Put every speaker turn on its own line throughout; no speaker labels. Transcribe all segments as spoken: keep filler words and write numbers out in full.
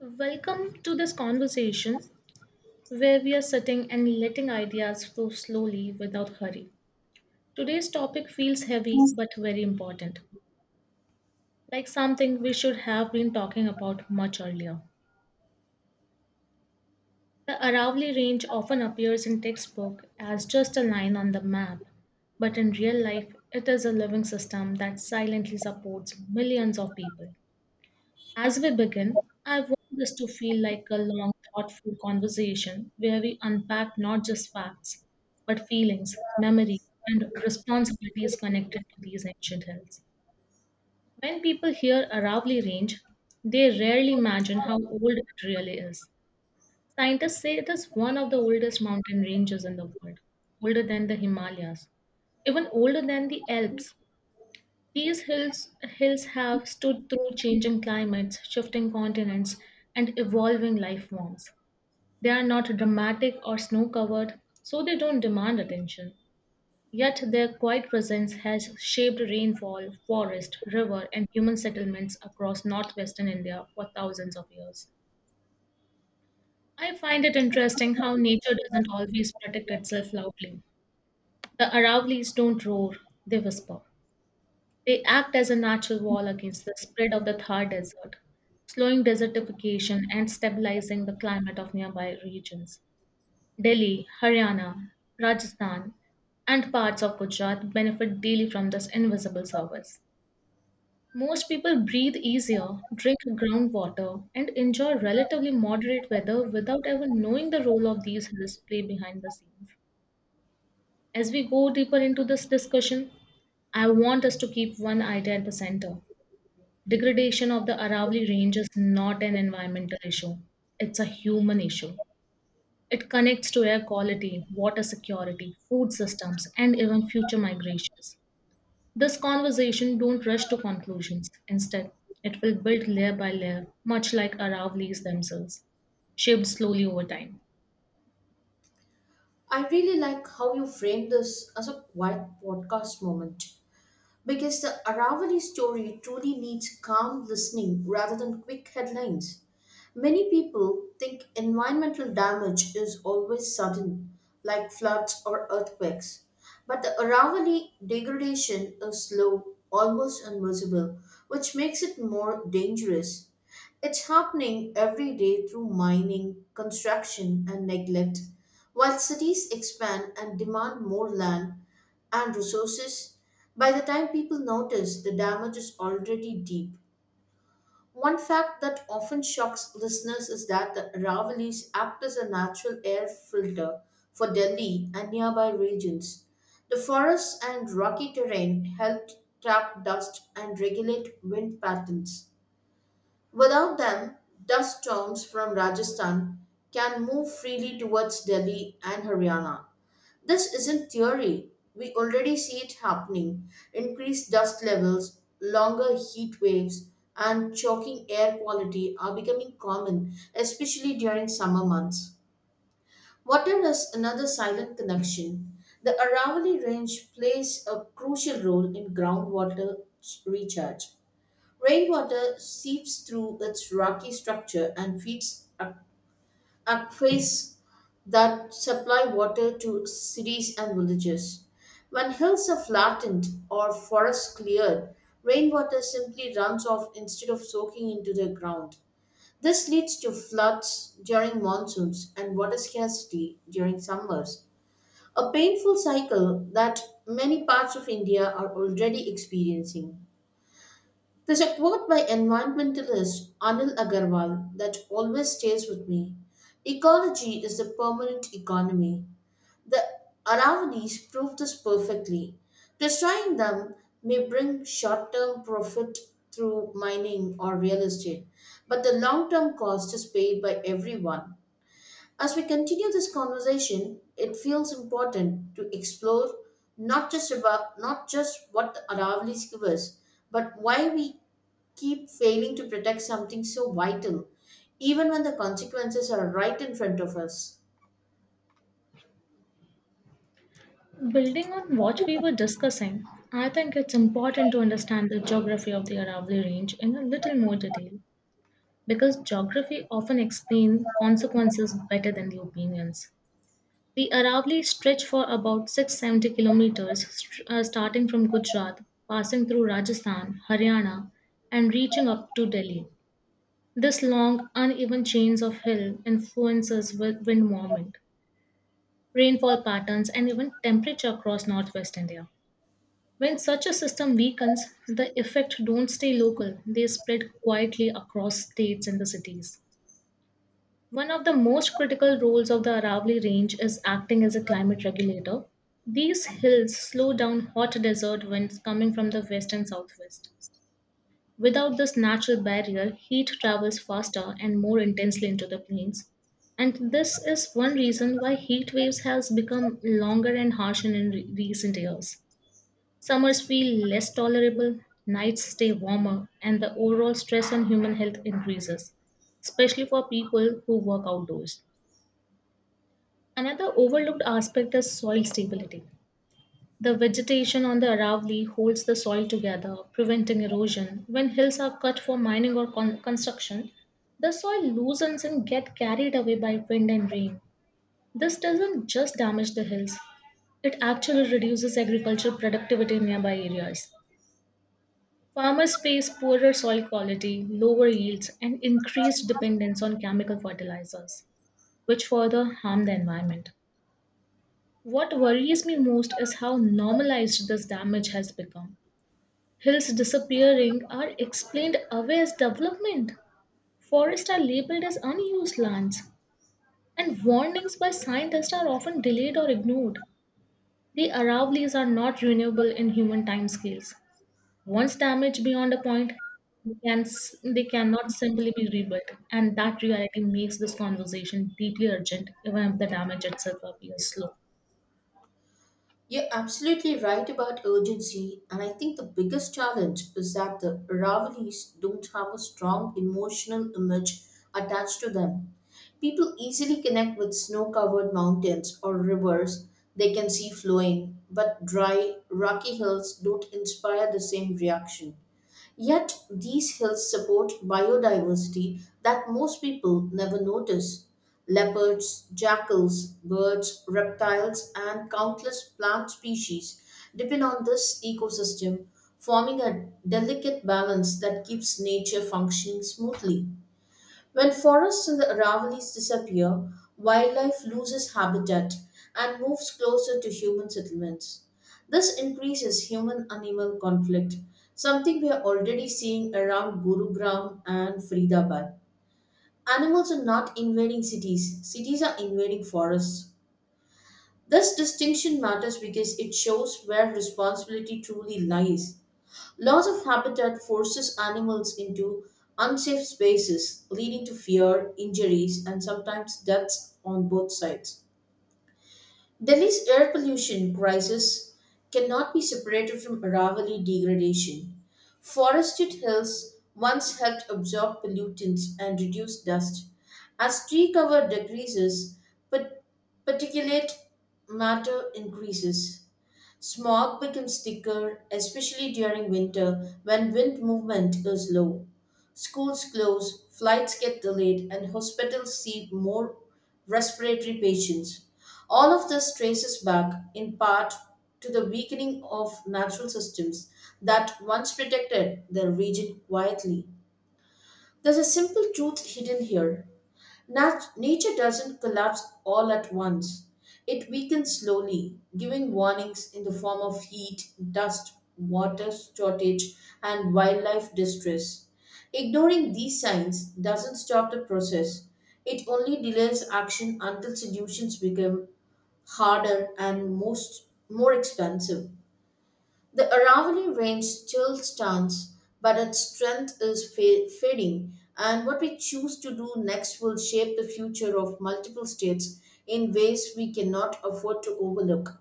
Welcome to this conversation where we are sitting and letting ideas flow slowly without hurry. Today's topic feels heavy but very important, like something we should have been talking about much earlier. The Aravalli Range often appears in textbook as just a line on the map, but in real life it is a living system that silently supports millions of people. As we begin, I want this to feel like a long, thoughtful conversation where we unpack not just facts, but feelings, memory, and responsibilities connected to these ancient hills. When people hear Aravalli Range, they rarely imagine how old it really is. Scientists say it is one of the oldest mountain ranges in the world, older than the Himalayas, even older than the Alps. These hills, hills have stood through changing climates, shifting continents, and evolving life forms. They are not dramatic or snow covered, so they don't demand attention. Yet their quiet presence has shaped rainfall, forest, river, and human settlements across northwestern India for thousands of years. I find it interesting how nature doesn't always protect itself loudly. The Aravallis don't roar, they whisper. They act as a natural wall against the spread of the Thar Desert, slowing desertification and stabilizing the climate of nearby regions. Delhi, Haryana, Rajasthan, and parts of Gujarat benefit daily from this invisible service. Most people breathe easier, drink groundwater, and enjoy relatively moderate weather without ever knowing the role of these hills play behind the scenes. As we go deeper into this discussion, I want us to keep one idea at the center. Degradation of the Aravalli Range is not an environmental issue, it's a human issue. It connects to air quality, water security, food systems, and even future migrations. This conversation don't rush to conclusions. Instead, it will build layer by layer, much like Aravallis themselves, shaped slowly over time.
I really like how you frame this as a quiet podcast moment. Because the Aravali story truly needs calm listening rather than quick headlines. Many people think environmental damage is always sudden, like floods or earthquakes. But the Aravali degradation is slow, almost invisible, which makes it more dangerous. It's happening every day through mining, construction, and neglect. While cities expand and demand more land, and resources, by the time people notice, the damage is already deep. One fact that often shocks listeners is that the Aravallis act as a natural air filter for Delhi and nearby regions. The forests and rocky terrain help trap dust and regulate wind patterns. Without them, dust storms from Rajasthan can move freely towards Delhi and Haryana. This isn't theory. We already see it happening. Increased dust levels, longer heat waves, and choking air quality are becoming common, especially during summer months. Water is another silent connection. The Aravalli Range plays a crucial role in groundwater ch- recharge. Rainwater seeps through its rocky structure and feeds a- aquifers that supply water to cities and villages. When hills are flattened or forests cleared, rainwater simply runs off instead of soaking into the ground. This leads to floods during monsoons and water scarcity during summers, a painful cycle that many parts of India are already experiencing. There's a quote by environmentalist Anil Agarwal that always stays with me: ecology is the permanent economy. The Aravallis prove this perfectly. Destroying them may bring short term profit through mining or real estate, but the long term cost is paid by everyone. As we continue this conversation, it feels important to explore not just about not just what the Aravallis give us, but why we keep failing to protect something so vital, even when the consequences are right in front of us.
Building on what we were discussing, I think it's important to understand the geography of the Aravalli Range in a little more detail, because geography often explains consequences better than the opinions. The Aravali stretched for about six seventy kilometers, st- uh, starting from Gujarat, passing through Rajasthan, Haryana, and reaching up to Delhi. This long, uneven chains of hill influences wi- wind movement, rainfall patterns, and even temperature across northwest India. When such a system weakens, the effects don't stay local, they spread quietly across states and the cities. One of the most critical roles of the Aravalli Range is acting as a climate regulator. These hills slow down hot desert winds coming from the west and southwest. Without this natural barrier, heat travels faster and more intensely into the plains. And this is one reason why heat waves has become longer and harsher in re- recent years. Summers feel less tolerable, nights stay warmer, and the overall stress on human health increases, especially for people who work outdoors. Another overlooked aspect is soil stability. The vegetation on the Aravali holds the soil together, preventing erosion. When hills are cut for mining or con- construction, the soil loosens and get carried away by wind and rain. This doesn't just damage the hills, it actually reduces agricultural productivity in nearby areas. Farmers face poorer soil quality, lower yields, and increased dependence on chemical fertilizers, which further harm the environment. What worries me most is how normalized this damage has become. Hills disappearing are explained away as development. Forests are labeled as unused lands, and warnings by scientists are often delayed or ignored. The aravlis are not renewable in human timescales. Once damaged beyond a point, they, can, s- they cannot simply be rebuilt, and that reality makes this conversation deeply urgent, even if the damage itself appears slow.
You're absolutely right about urgency, and I think the biggest challenge is that the Ravelis don't have a strong emotional image attached to them. People easily connect with snow covered mountains or rivers they can see flowing, but dry, rocky hills don't inspire the same reaction. Yet these hills support biodiversity that most people never notice. Leopards, jackals, birds, reptiles, and countless plant species depend on this ecosystem, forming a delicate balance that keeps nature functioning smoothly. When forests in the Aravallis disappear, wildlife loses habitat and moves closer to human settlements. This increases human animal conflict, something we are already seeing around Gurugram and Faridabad. Animals are not invading cities, cities are invading forests. This distinction matters because it shows where responsibility truly lies. Loss of habitat forces animals into unsafe spaces, leading to fear, injuries, and sometimes deaths on both sides. Delhi's air pollution crisis cannot be separated from Aravali degradation. Forested hills once helped absorb pollutants and reduce dust. As tree cover decreases, pat- particulate matter increases. Smog becomes thicker, especially during winter when wind movement is low. Schools close, flights get delayed, and hospitals see more respiratory patients. All of this traces back, in part, to the weakening of natural systems that once protected the region quietly. There's a simple truth hidden here. Nat- nature doesn't collapse all at once. It weakens slowly, giving warnings in the form of heat, dust, water shortage, and wildlife distress. Ignoring these signs doesn't stop the process. It only delays action until solutions become harder and most more expensive. The Aravalli range still stands, but its strength is fa- fading, and what we choose to do next will shape the future of multiple states in ways we cannot afford to overlook.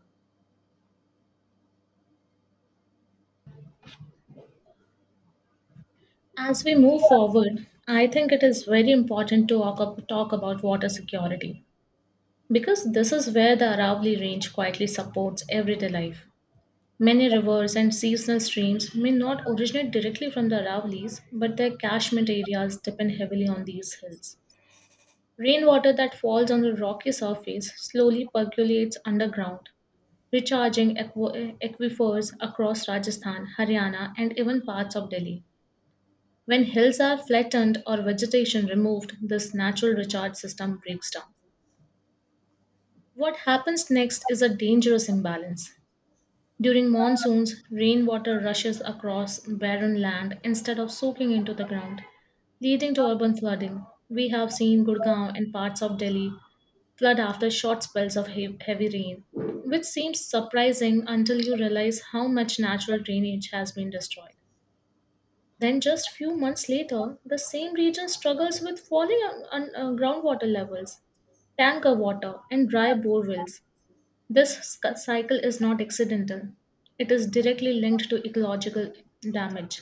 As we move forward, I think it is very important to talk ab- talk about water security because this is where the Aravalli Range quietly supports everyday life. Many rivers and seasonal streams may not originate directly from the Aravallis, but their catchment areas depend heavily on these hills. Rainwater that falls on the rocky surface slowly percolates underground, recharging aqu- aquifers across Rajasthan, Haryana, and even parts of Delhi. When hills are flattened or vegetation removed, this natural recharge system breaks down. What happens next is a dangerous imbalance. During monsoons, rainwater rushes across barren land instead of soaking into the ground, leading to urban flooding. We have seen Gurgaon and parts of Delhi flood after short spells of he- heavy rain, which seems surprising until you realize how much natural drainage has been destroyed. Then, just few months later, the same region struggles with falling un- un- uh, groundwater levels, tanker water, and dry borewells. This sc- cycle is not accidental, it is directly linked to ecological damage.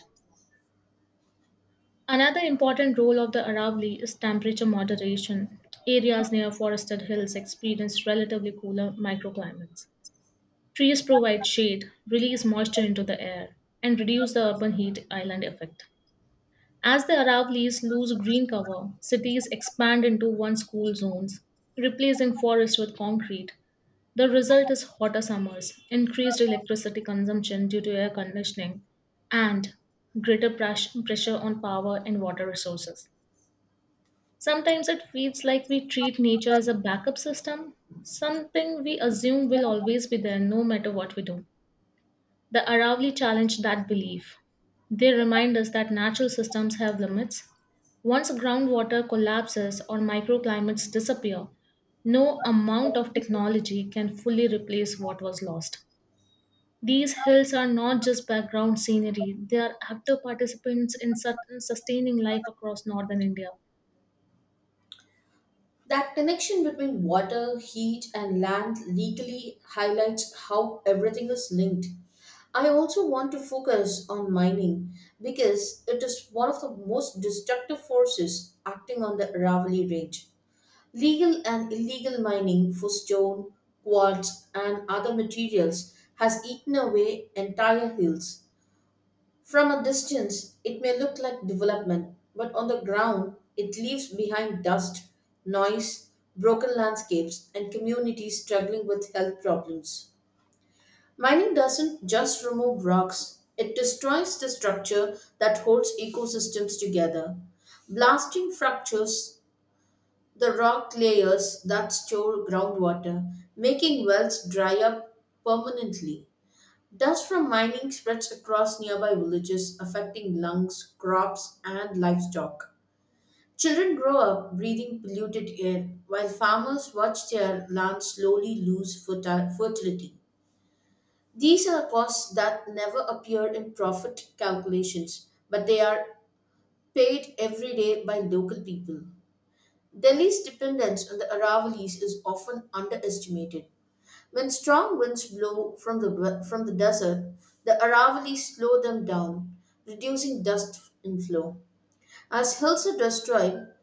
Another important role of the Aravalli is temperature moderation. Areas near forested hills experience relatively cooler microclimates. Trees provide shade, release moisture into the air, and reduce the urban heat island effect. As the Arab leaves lose green cover, cities expand into one school zones, replacing forests with concrete. The result is hotter summers, increased electricity consumption due to air conditioning, and greater pres- pressure on power and water resources. Sometimes it feels like we treat nature as a backup system, something we assume will always be there no matter what we do. The Aravalli challenge that belief. They remind us that natural systems have limits. Once groundwater collapses or microclimates disappear, no amount of technology can fully replace what was lost. These hills are not just background scenery, they are active participants in sus- sustaining life across northern India.
That connection between water, heat, and land legally highlights how everything is linked. I also want to focus on mining because it is one of the most destructive forces acting on the Aravalli Range. Legal and illegal mining for stone, quartz, and other materials has eaten away entire hills. From a distance, it may look like development, but on the ground, it leaves behind dust, noise, broken landscapes, and communities struggling with health problems. Mining doesn't just remove rocks, it destroys the structure that holds ecosystems together. Blasting fractures the rock layers that store groundwater, making wells dry up permanently. Dust from mining spreads across nearby villages, affecting lungs, crops, and livestock. Children grow up breathing polluted air, while farmers watch their land slowly lose ferti- fertility. These are costs that never appear in profit calculations, but they are paid every day by local people. Delhi's dependence on the Aravallis is often underestimated. When strong winds blow from the, from the desert, the Aravallis slow them down, reducing dust inflow. As hills are destroyed,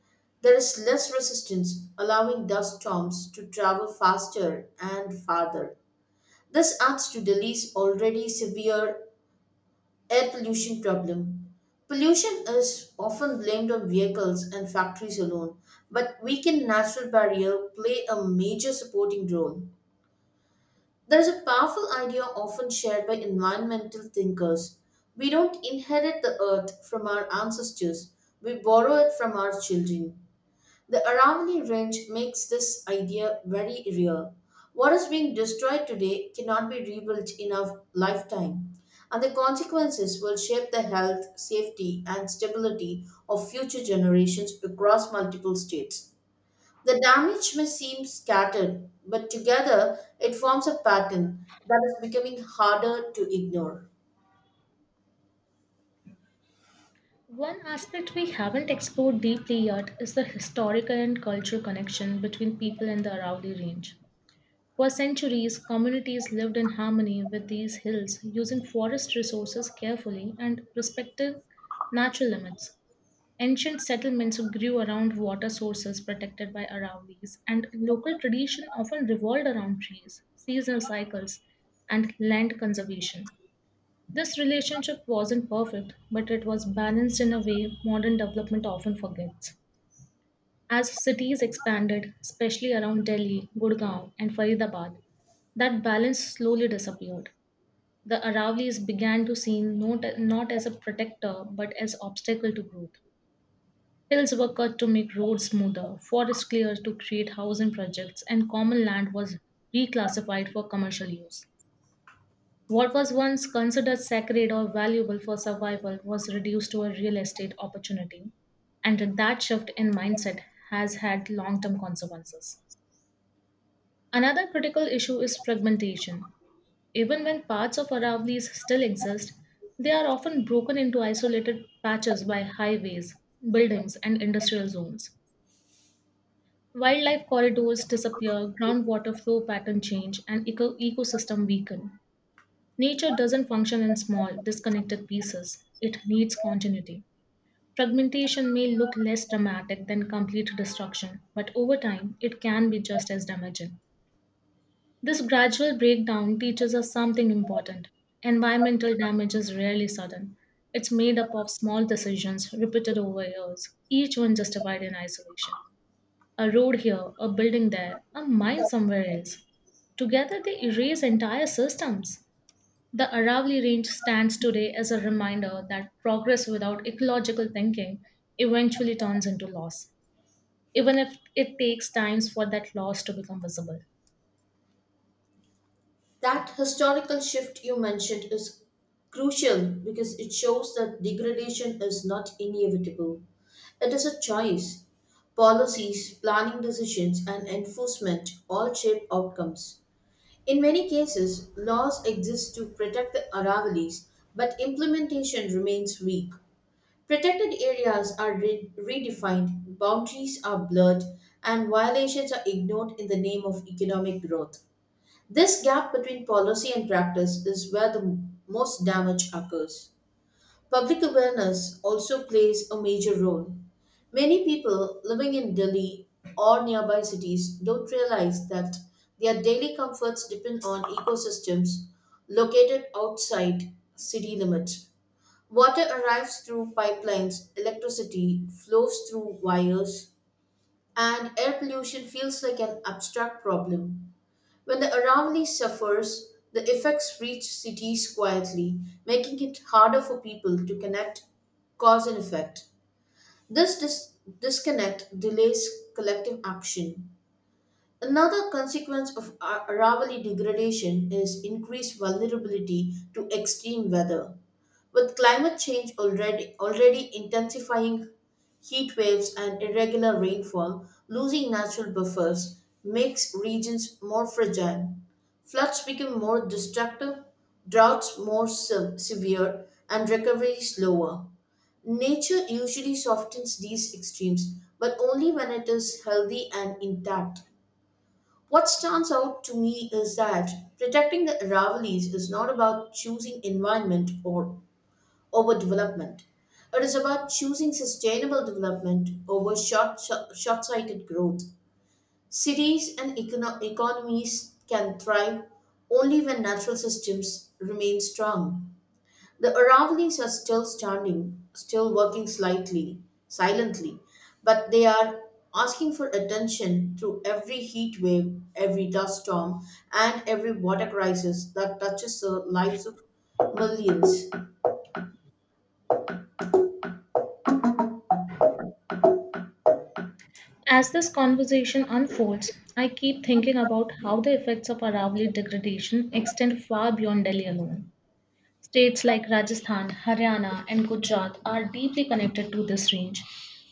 there is less resistance, allowing dust storms to travel faster and farther. This adds to Delhi's already severe air pollution problem. Pollution is often blamed on vehicles and factories alone, but weakened natural barrier play a major supporting role. There's a powerful idea often shared by environmental thinkers. We don't inherit the earth from our ancestors, we borrow it from our children. The Aravalli Range makes this idea very real. What is being destroyed today cannot be rebuilt in our lifetime, and the consequences will shape the health, safety, and stability of future generations across multiple states. The damage may seem scattered, but together it forms a pattern that is becoming harder to ignore.
One aspect we haven't explored deeply yet is the historical and cultural connection between people and the Aravalli range. For centuries, communities lived in harmony with these hills, using forest resources carefully and respecting natural limits. Ancient settlements grew around water sources protected by Aravallis, and local tradition often revolved around trees, seasonal cycles, and land conservation. This relationship wasn't perfect, but it was balanced in a way modern development often forgets. As cities expanded, especially around Delhi, Gurgaon, and Faridabad, that balance slowly disappeared. The Aravallis began to seen not, not as a protector but as obstacle to growth. Hills were cut to make roads smoother, forests cleared to create housing projects, and common land was reclassified for commercial use. What was once considered sacred or valuable for survival was reduced to a real estate opportunity, and that shift in mindset has had long term consequences. Another critical issue is fragmentation. Even when parts of Aravallis still exist, they are often broken into isolated patches by highways, buildings, and industrial zones. Wildlife corridors disappear, groundwater flow pattern change, and eco- ecosystem weaken. Nature doesn't function in small, disconnected pieces. It needs continuity. Fragmentation may look less dramatic than complete destruction, but over time, it can be just as damaging. This gradual breakdown teaches us something important. Environmental damage is rarely sudden. It's made up of small decisions repeated over years, each one justified in isolation. A road here, a building there, a mine somewhere else. Together, they erase entire systems. The Aravalli Range stands today as a reminder that progress without ecological thinking eventually turns into loss, even if it takes times for that loss to become visible.
That historical shift you mentioned is crucial because it shows that degradation is not inevitable. It is a choice. Policies, planning decisions, and enforcement all shape outcomes. In many cases, laws exist to protect the Aravallis, but implementation remains weak. Protected areas are re- redefined, boundaries are blurred, and violations are ignored in the name of economic growth. This gap between policy and practice is where the m- most damage occurs. Public awareness also plays a major role. Many people living in Delhi or nearby cities don't realize that their daily comforts depend on ecosystems located outside city limits. Water arrives through pipelines, electricity flows through wires, and air pollution feels like an abstract problem. When the Aravalli suffers, the effects reach cities quietly, making it harder for people to connect cause and effect. This dis- disconnect delays collective action. Another consequence of a- Aravalli degradation is increased vulnerability to extreme weather. With climate change already, already intensifying heat waves and irregular rainfall, losing natural buffers makes regions more fragile. Floods become more destructive, droughts more se- severe, and recovery slower. Nature usually softens these extremes, but only when it is healthy and intact. What stands out to me is that protecting the Aravallis is not about choosing environment or overdevelopment. It is about choosing sustainable development over short, short sighted growth. Cities and econo- economies can thrive only when natural systems remain strong. The Aravallis are still standing, still working slightly, silently, but they are asking for attention through every heat wave, every dust storm, and every water crisis that touches the lives of millions.
As this conversation unfolds, I keep thinking about how the effects of Aravali degradation extend far beyond Delhi alone. States like Rajasthan, Haryana, and Gujarat are deeply connected to this range,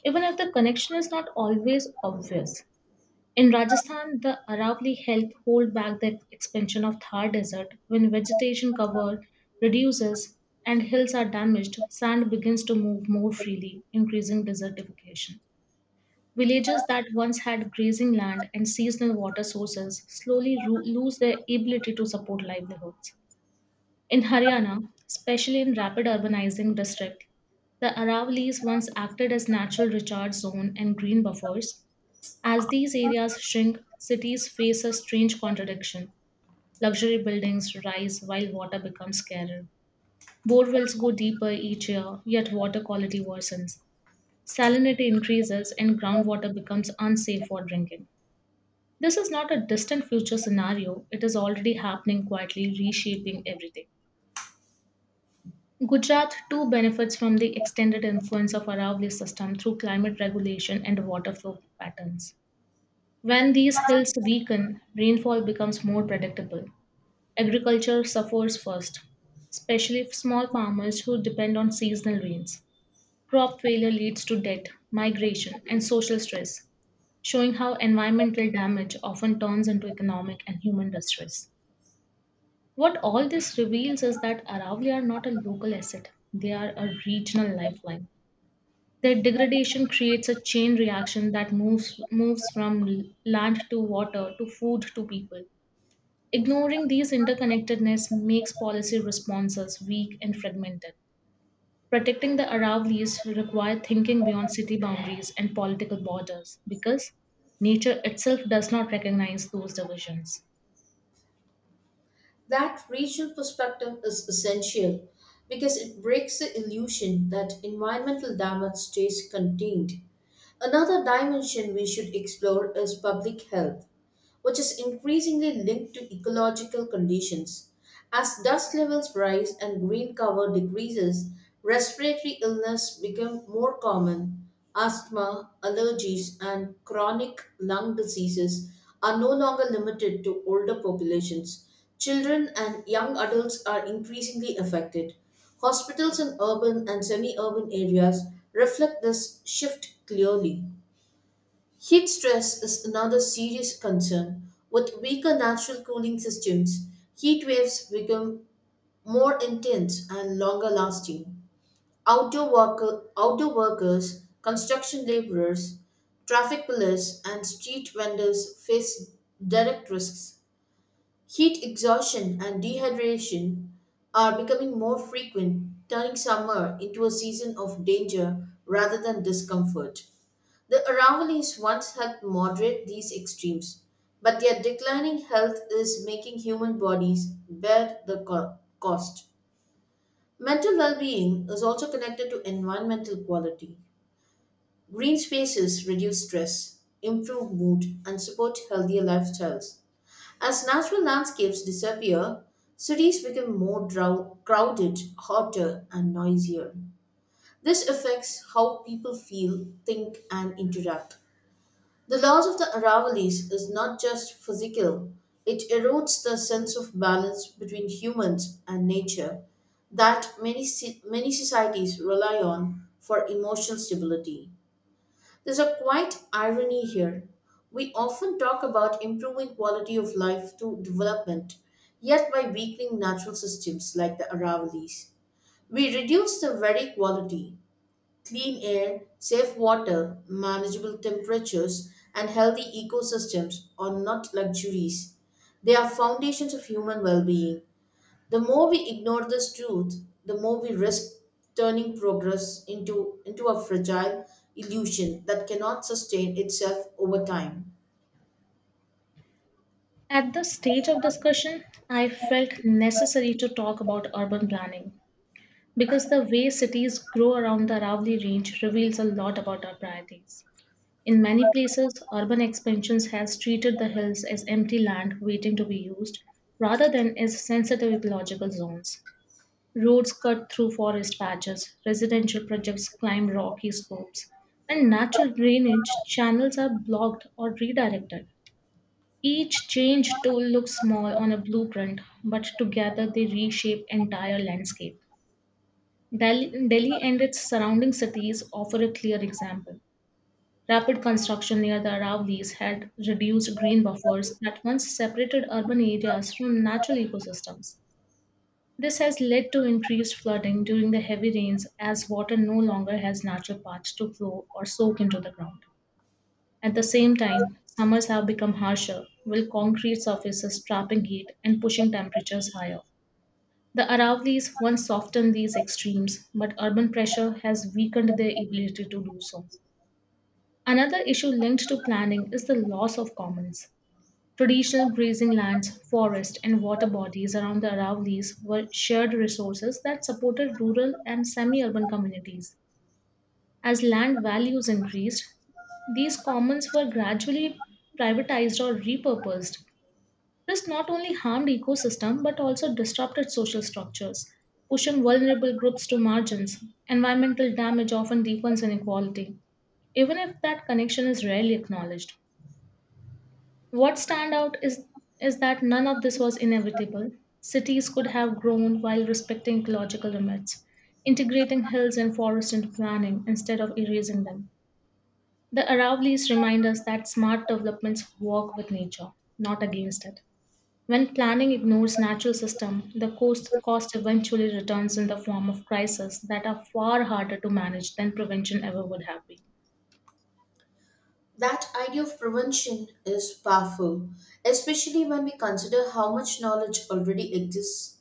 even if the connection is not always obvious. In Rajasthan, the Aravali help hold back the expansion of Thar Desert. When vegetation cover reduces and hills are damaged, sand begins to move more freely, increasing desertification. Villages that once had grazing land and seasonal water sources slowly ro- lose their ability to support livelihoods. In Haryana, especially in rapid urbanizing district, the Aravallis once acted as natural recharge zone and green buffers. As these areas shrink, cities face a strange contradiction. Luxury buildings rise while water becomes scarer. Borewells go deeper each year, yet water quality worsens. Salinity increases and groundwater becomes unsafe for drinking. This is not a distant future scenario, it is already happening quietly, reshaping everything. Gujarat too benefits from the extended influence of Aravalli system through climate regulation and water flow patterns. When these hills weaken, rainfall becomes more predictable. Agriculture suffers first, especially for small farmers who depend on seasonal rains. Crop failure leads to debt, migration, and social stress, showing how environmental damage often turns into economic and human distress. What all this reveals is that Aravalli are not a local asset, they are a regional lifeline. Their degradation creates a chain reaction that moves, moves from l- land to water to food to people. Ignoring these interconnectedness makes policy responses weak and fragmented. Protecting the Aravallis require thinking beyond city boundaries and political borders because nature itself does not recognize those divisions.
That regional perspective is essential because it breaks the illusion that environmental damage stays contained. Another dimension we should explore is public health, which is increasingly linked to ecological conditions. As dust levels rise and green cover decreases, respiratory illness become more common. Asthma, allergies, and chronic lung diseases are no longer limited to older populations. Children and young adults are increasingly affected. Hospitals in urban and semi urban areas reflect this shift clearly. Heat stress is another serious concern. With weaker natural cooling systems, heat waves become more intense and longer lasting. Outdoor, worker, outdoor workers, construction laborers, traffic police, and street vendors face direct risks. Heat exhaustion and dehydration are becoming more frequent, turning summer into a season of danger rather than discomfort. The Aravallis once helped moderate these extremes, but their declining health is making human bodies bear the co- cost. Mental well being is also connected to environmental quality. Green spaces reduce stress, improve mood, and support healthier lifestyles. As natural landscapes disappear, cities become more drow- crowded, hotter, and noisier. This affects how people feel, think, and interact. The loss of the Aravallis is not just physical, it erodes the sense of balance between humans and nature that many, ci- many societies rely on for emotional stability. There's a quite irony here. We often talk about improving quality of life through development, yet by weakening natural systems like the Aravallis, we reduce the very quality, clean air, safe water, manageable temperatures, and healthy ecosystems are not luxuries. They are foundations of human well-being. The more we ignore this truth, the more we risk turning progress into, into a fragile illusion that cannot sustain itself over time.
At the stage of discussion, I felt necessary to talk about urban planning because the way cities grow around the Aravali Range reveals a lot about our priorities. In many places, urban expansions has treated the hills as empty land waiting to be used rather than as sensitive ecological zones. Roads cut through forest patches, residential projects climb rocky slopes, and natural drainage channels are blocked or redirected each change tool looks small on a blueprint, but together they reshape entire landscape. Delhi, Delhi and its surrounding cities offer a clear example. Rapid construction near the Aravallis had reduced green buffers that once separated urban areas from natural ecosystems. This has led to increased flooding during the heavy rains as water no longer has natural paths to flow or soak into the ground. At the same time, summers have become harsher, with concrete surfaces trapping heat and pushing temperatures higher. The Aravallis once softened these extremes, but urban pressure has weakened their ability to do so. Another issue linked to planning is the loss of commons. Traditional grazing lands, forests, and water bodies around the Aravallis were shared resources that supported rural and semi urban communities. As land values increased, these commons were gradually privatized or repurposed. This not only harmed ecosystem but also disrupted social structures, pushing vulnerable groups to margins. Environmental damage often deepens inequality, even if that connection is rarely acknowledged. What stand out is is that none of this was inevitable. Cities could have grown while respecting ecological limits, integrating hills and forests into planning instead of erasing them. The Aravallis remind us that smart developments work with nature, not against it. When planning ignores natural system, the cost, cost eventually returns in the form of crises that are far harder to manage than prevention ever would have been.
That idea of prevention is powerful, especially when we consider how much knowledge already exists.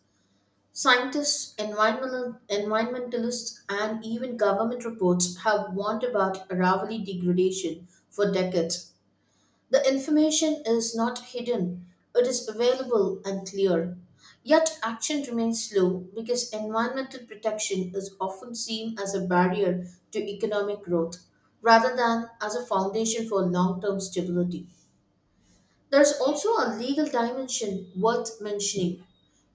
Scientists, environmental, environmentalists, and even government reports have warned about Aravali degradation for decades. The information is not hidden, it is available and clear. Yet action remains slow because environmental protection is often seen as a barrier to economic growth rather than as a foundation for long term stability. There's also a legal dimension worth mentioning.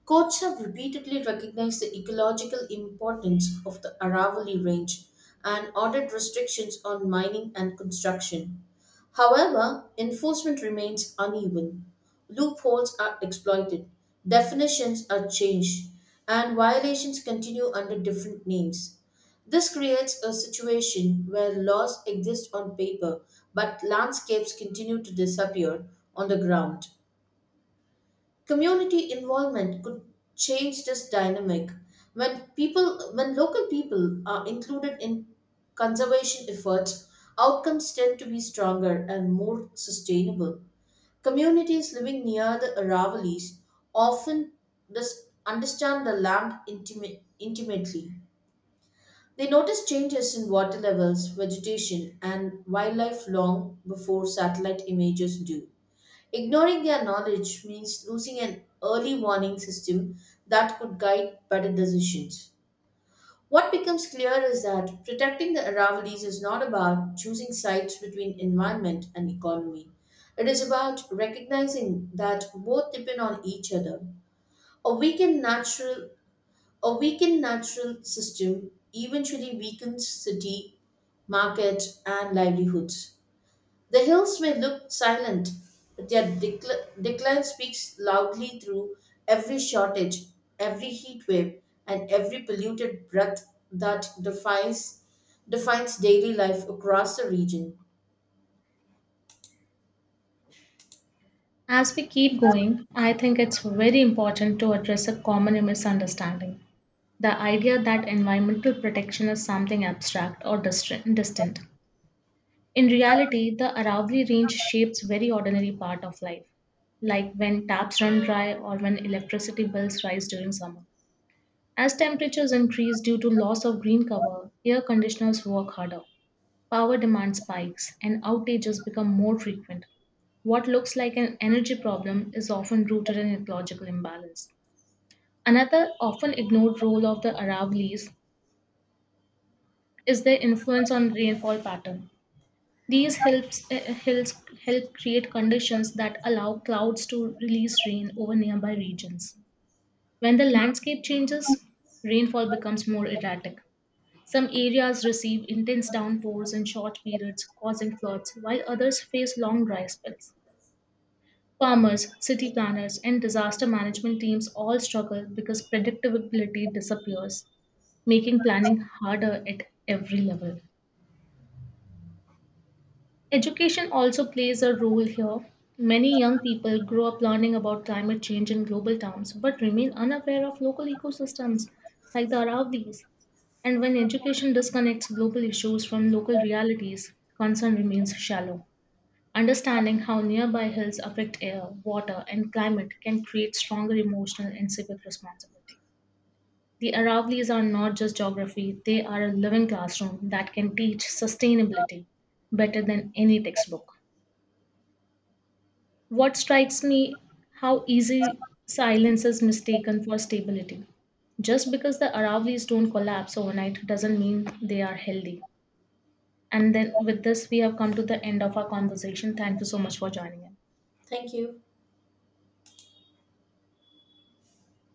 Courts have repeatedly recognized the ecological importance of the Aravalli Range and ordered restrictions on mining and construction. However, enforcement remains uneven. Loopholes are exploited, definitions are changed, and violations continue under different names. This creates a situation where laws exist on paper but landscapes continue to disappear on the ground. Community involvement could change this dynamic when people when local people are included in conservation efforts, outcomes tend to be stronger and more sustainable. Communities living near the aravallis often dis- understand the land intimate, intimately. They notice changes in water levels, vegetation, and wildlife long before satellite images do. Ignoring their knowledge means losing an early warning system that could guide better decisions. What becomes clear is that protecting the Aravallis is not about choosing sides between environment and economy. It is about recognizing that both depend on each other. A weakened natural a weakened natural system eventually weakens city, market, and livelihoods. The hills may look silent, but their decl- decline speaks loudly through every shortage, every heat wave, and every polluted breath that defies, defines daily life across the region.
As we keep going, I think it's very important to address a common misunderstanding the idea that environmental protection is something abstract or distra- distant. In reality, the Aravalli Range shapes very ordinary part of life, like when taps run dry or when electricity bills rise during summer. As temperatures increase due to loss of green cover, air conditioners work harder. Power demand spikes and outages become more frequent. What looks like an energy problem is often rooted in ecological imbalance. Another often ignored role of the Aravallis is their influence on rainfall pattern. These helps, uh, helps help create conditions that allow clouds to release rain over nearby regions. When the landscape changes, rainfall becomes more erratic. Some areas receive intense downpours in short periods, causing floods, while others face long dry spells. Farmers, city planners, and disaster management teams all struggle because predictability disappears, making planning harder at every level. Education also plays a role here. Many young people grow up learning about climate change in global terms but remain unaware of local ecosystems like the Aravallis. And when education disconnects global issues from local realities, concern remains shallow. Understanding how nearby hills affect air, water, and climate can create stronger emotional and civic responsibility. The Aravallis are not just geography, they are a living classroom that can teach sustainability better than any textbook. What strikes me how easy silence is mistaken for stability. Just because the Aravallis don't collapse overnight doesn't mean they are healthy. And then with this, we have come to the end of our conversation. Thank you so much for joining in.
Thank you.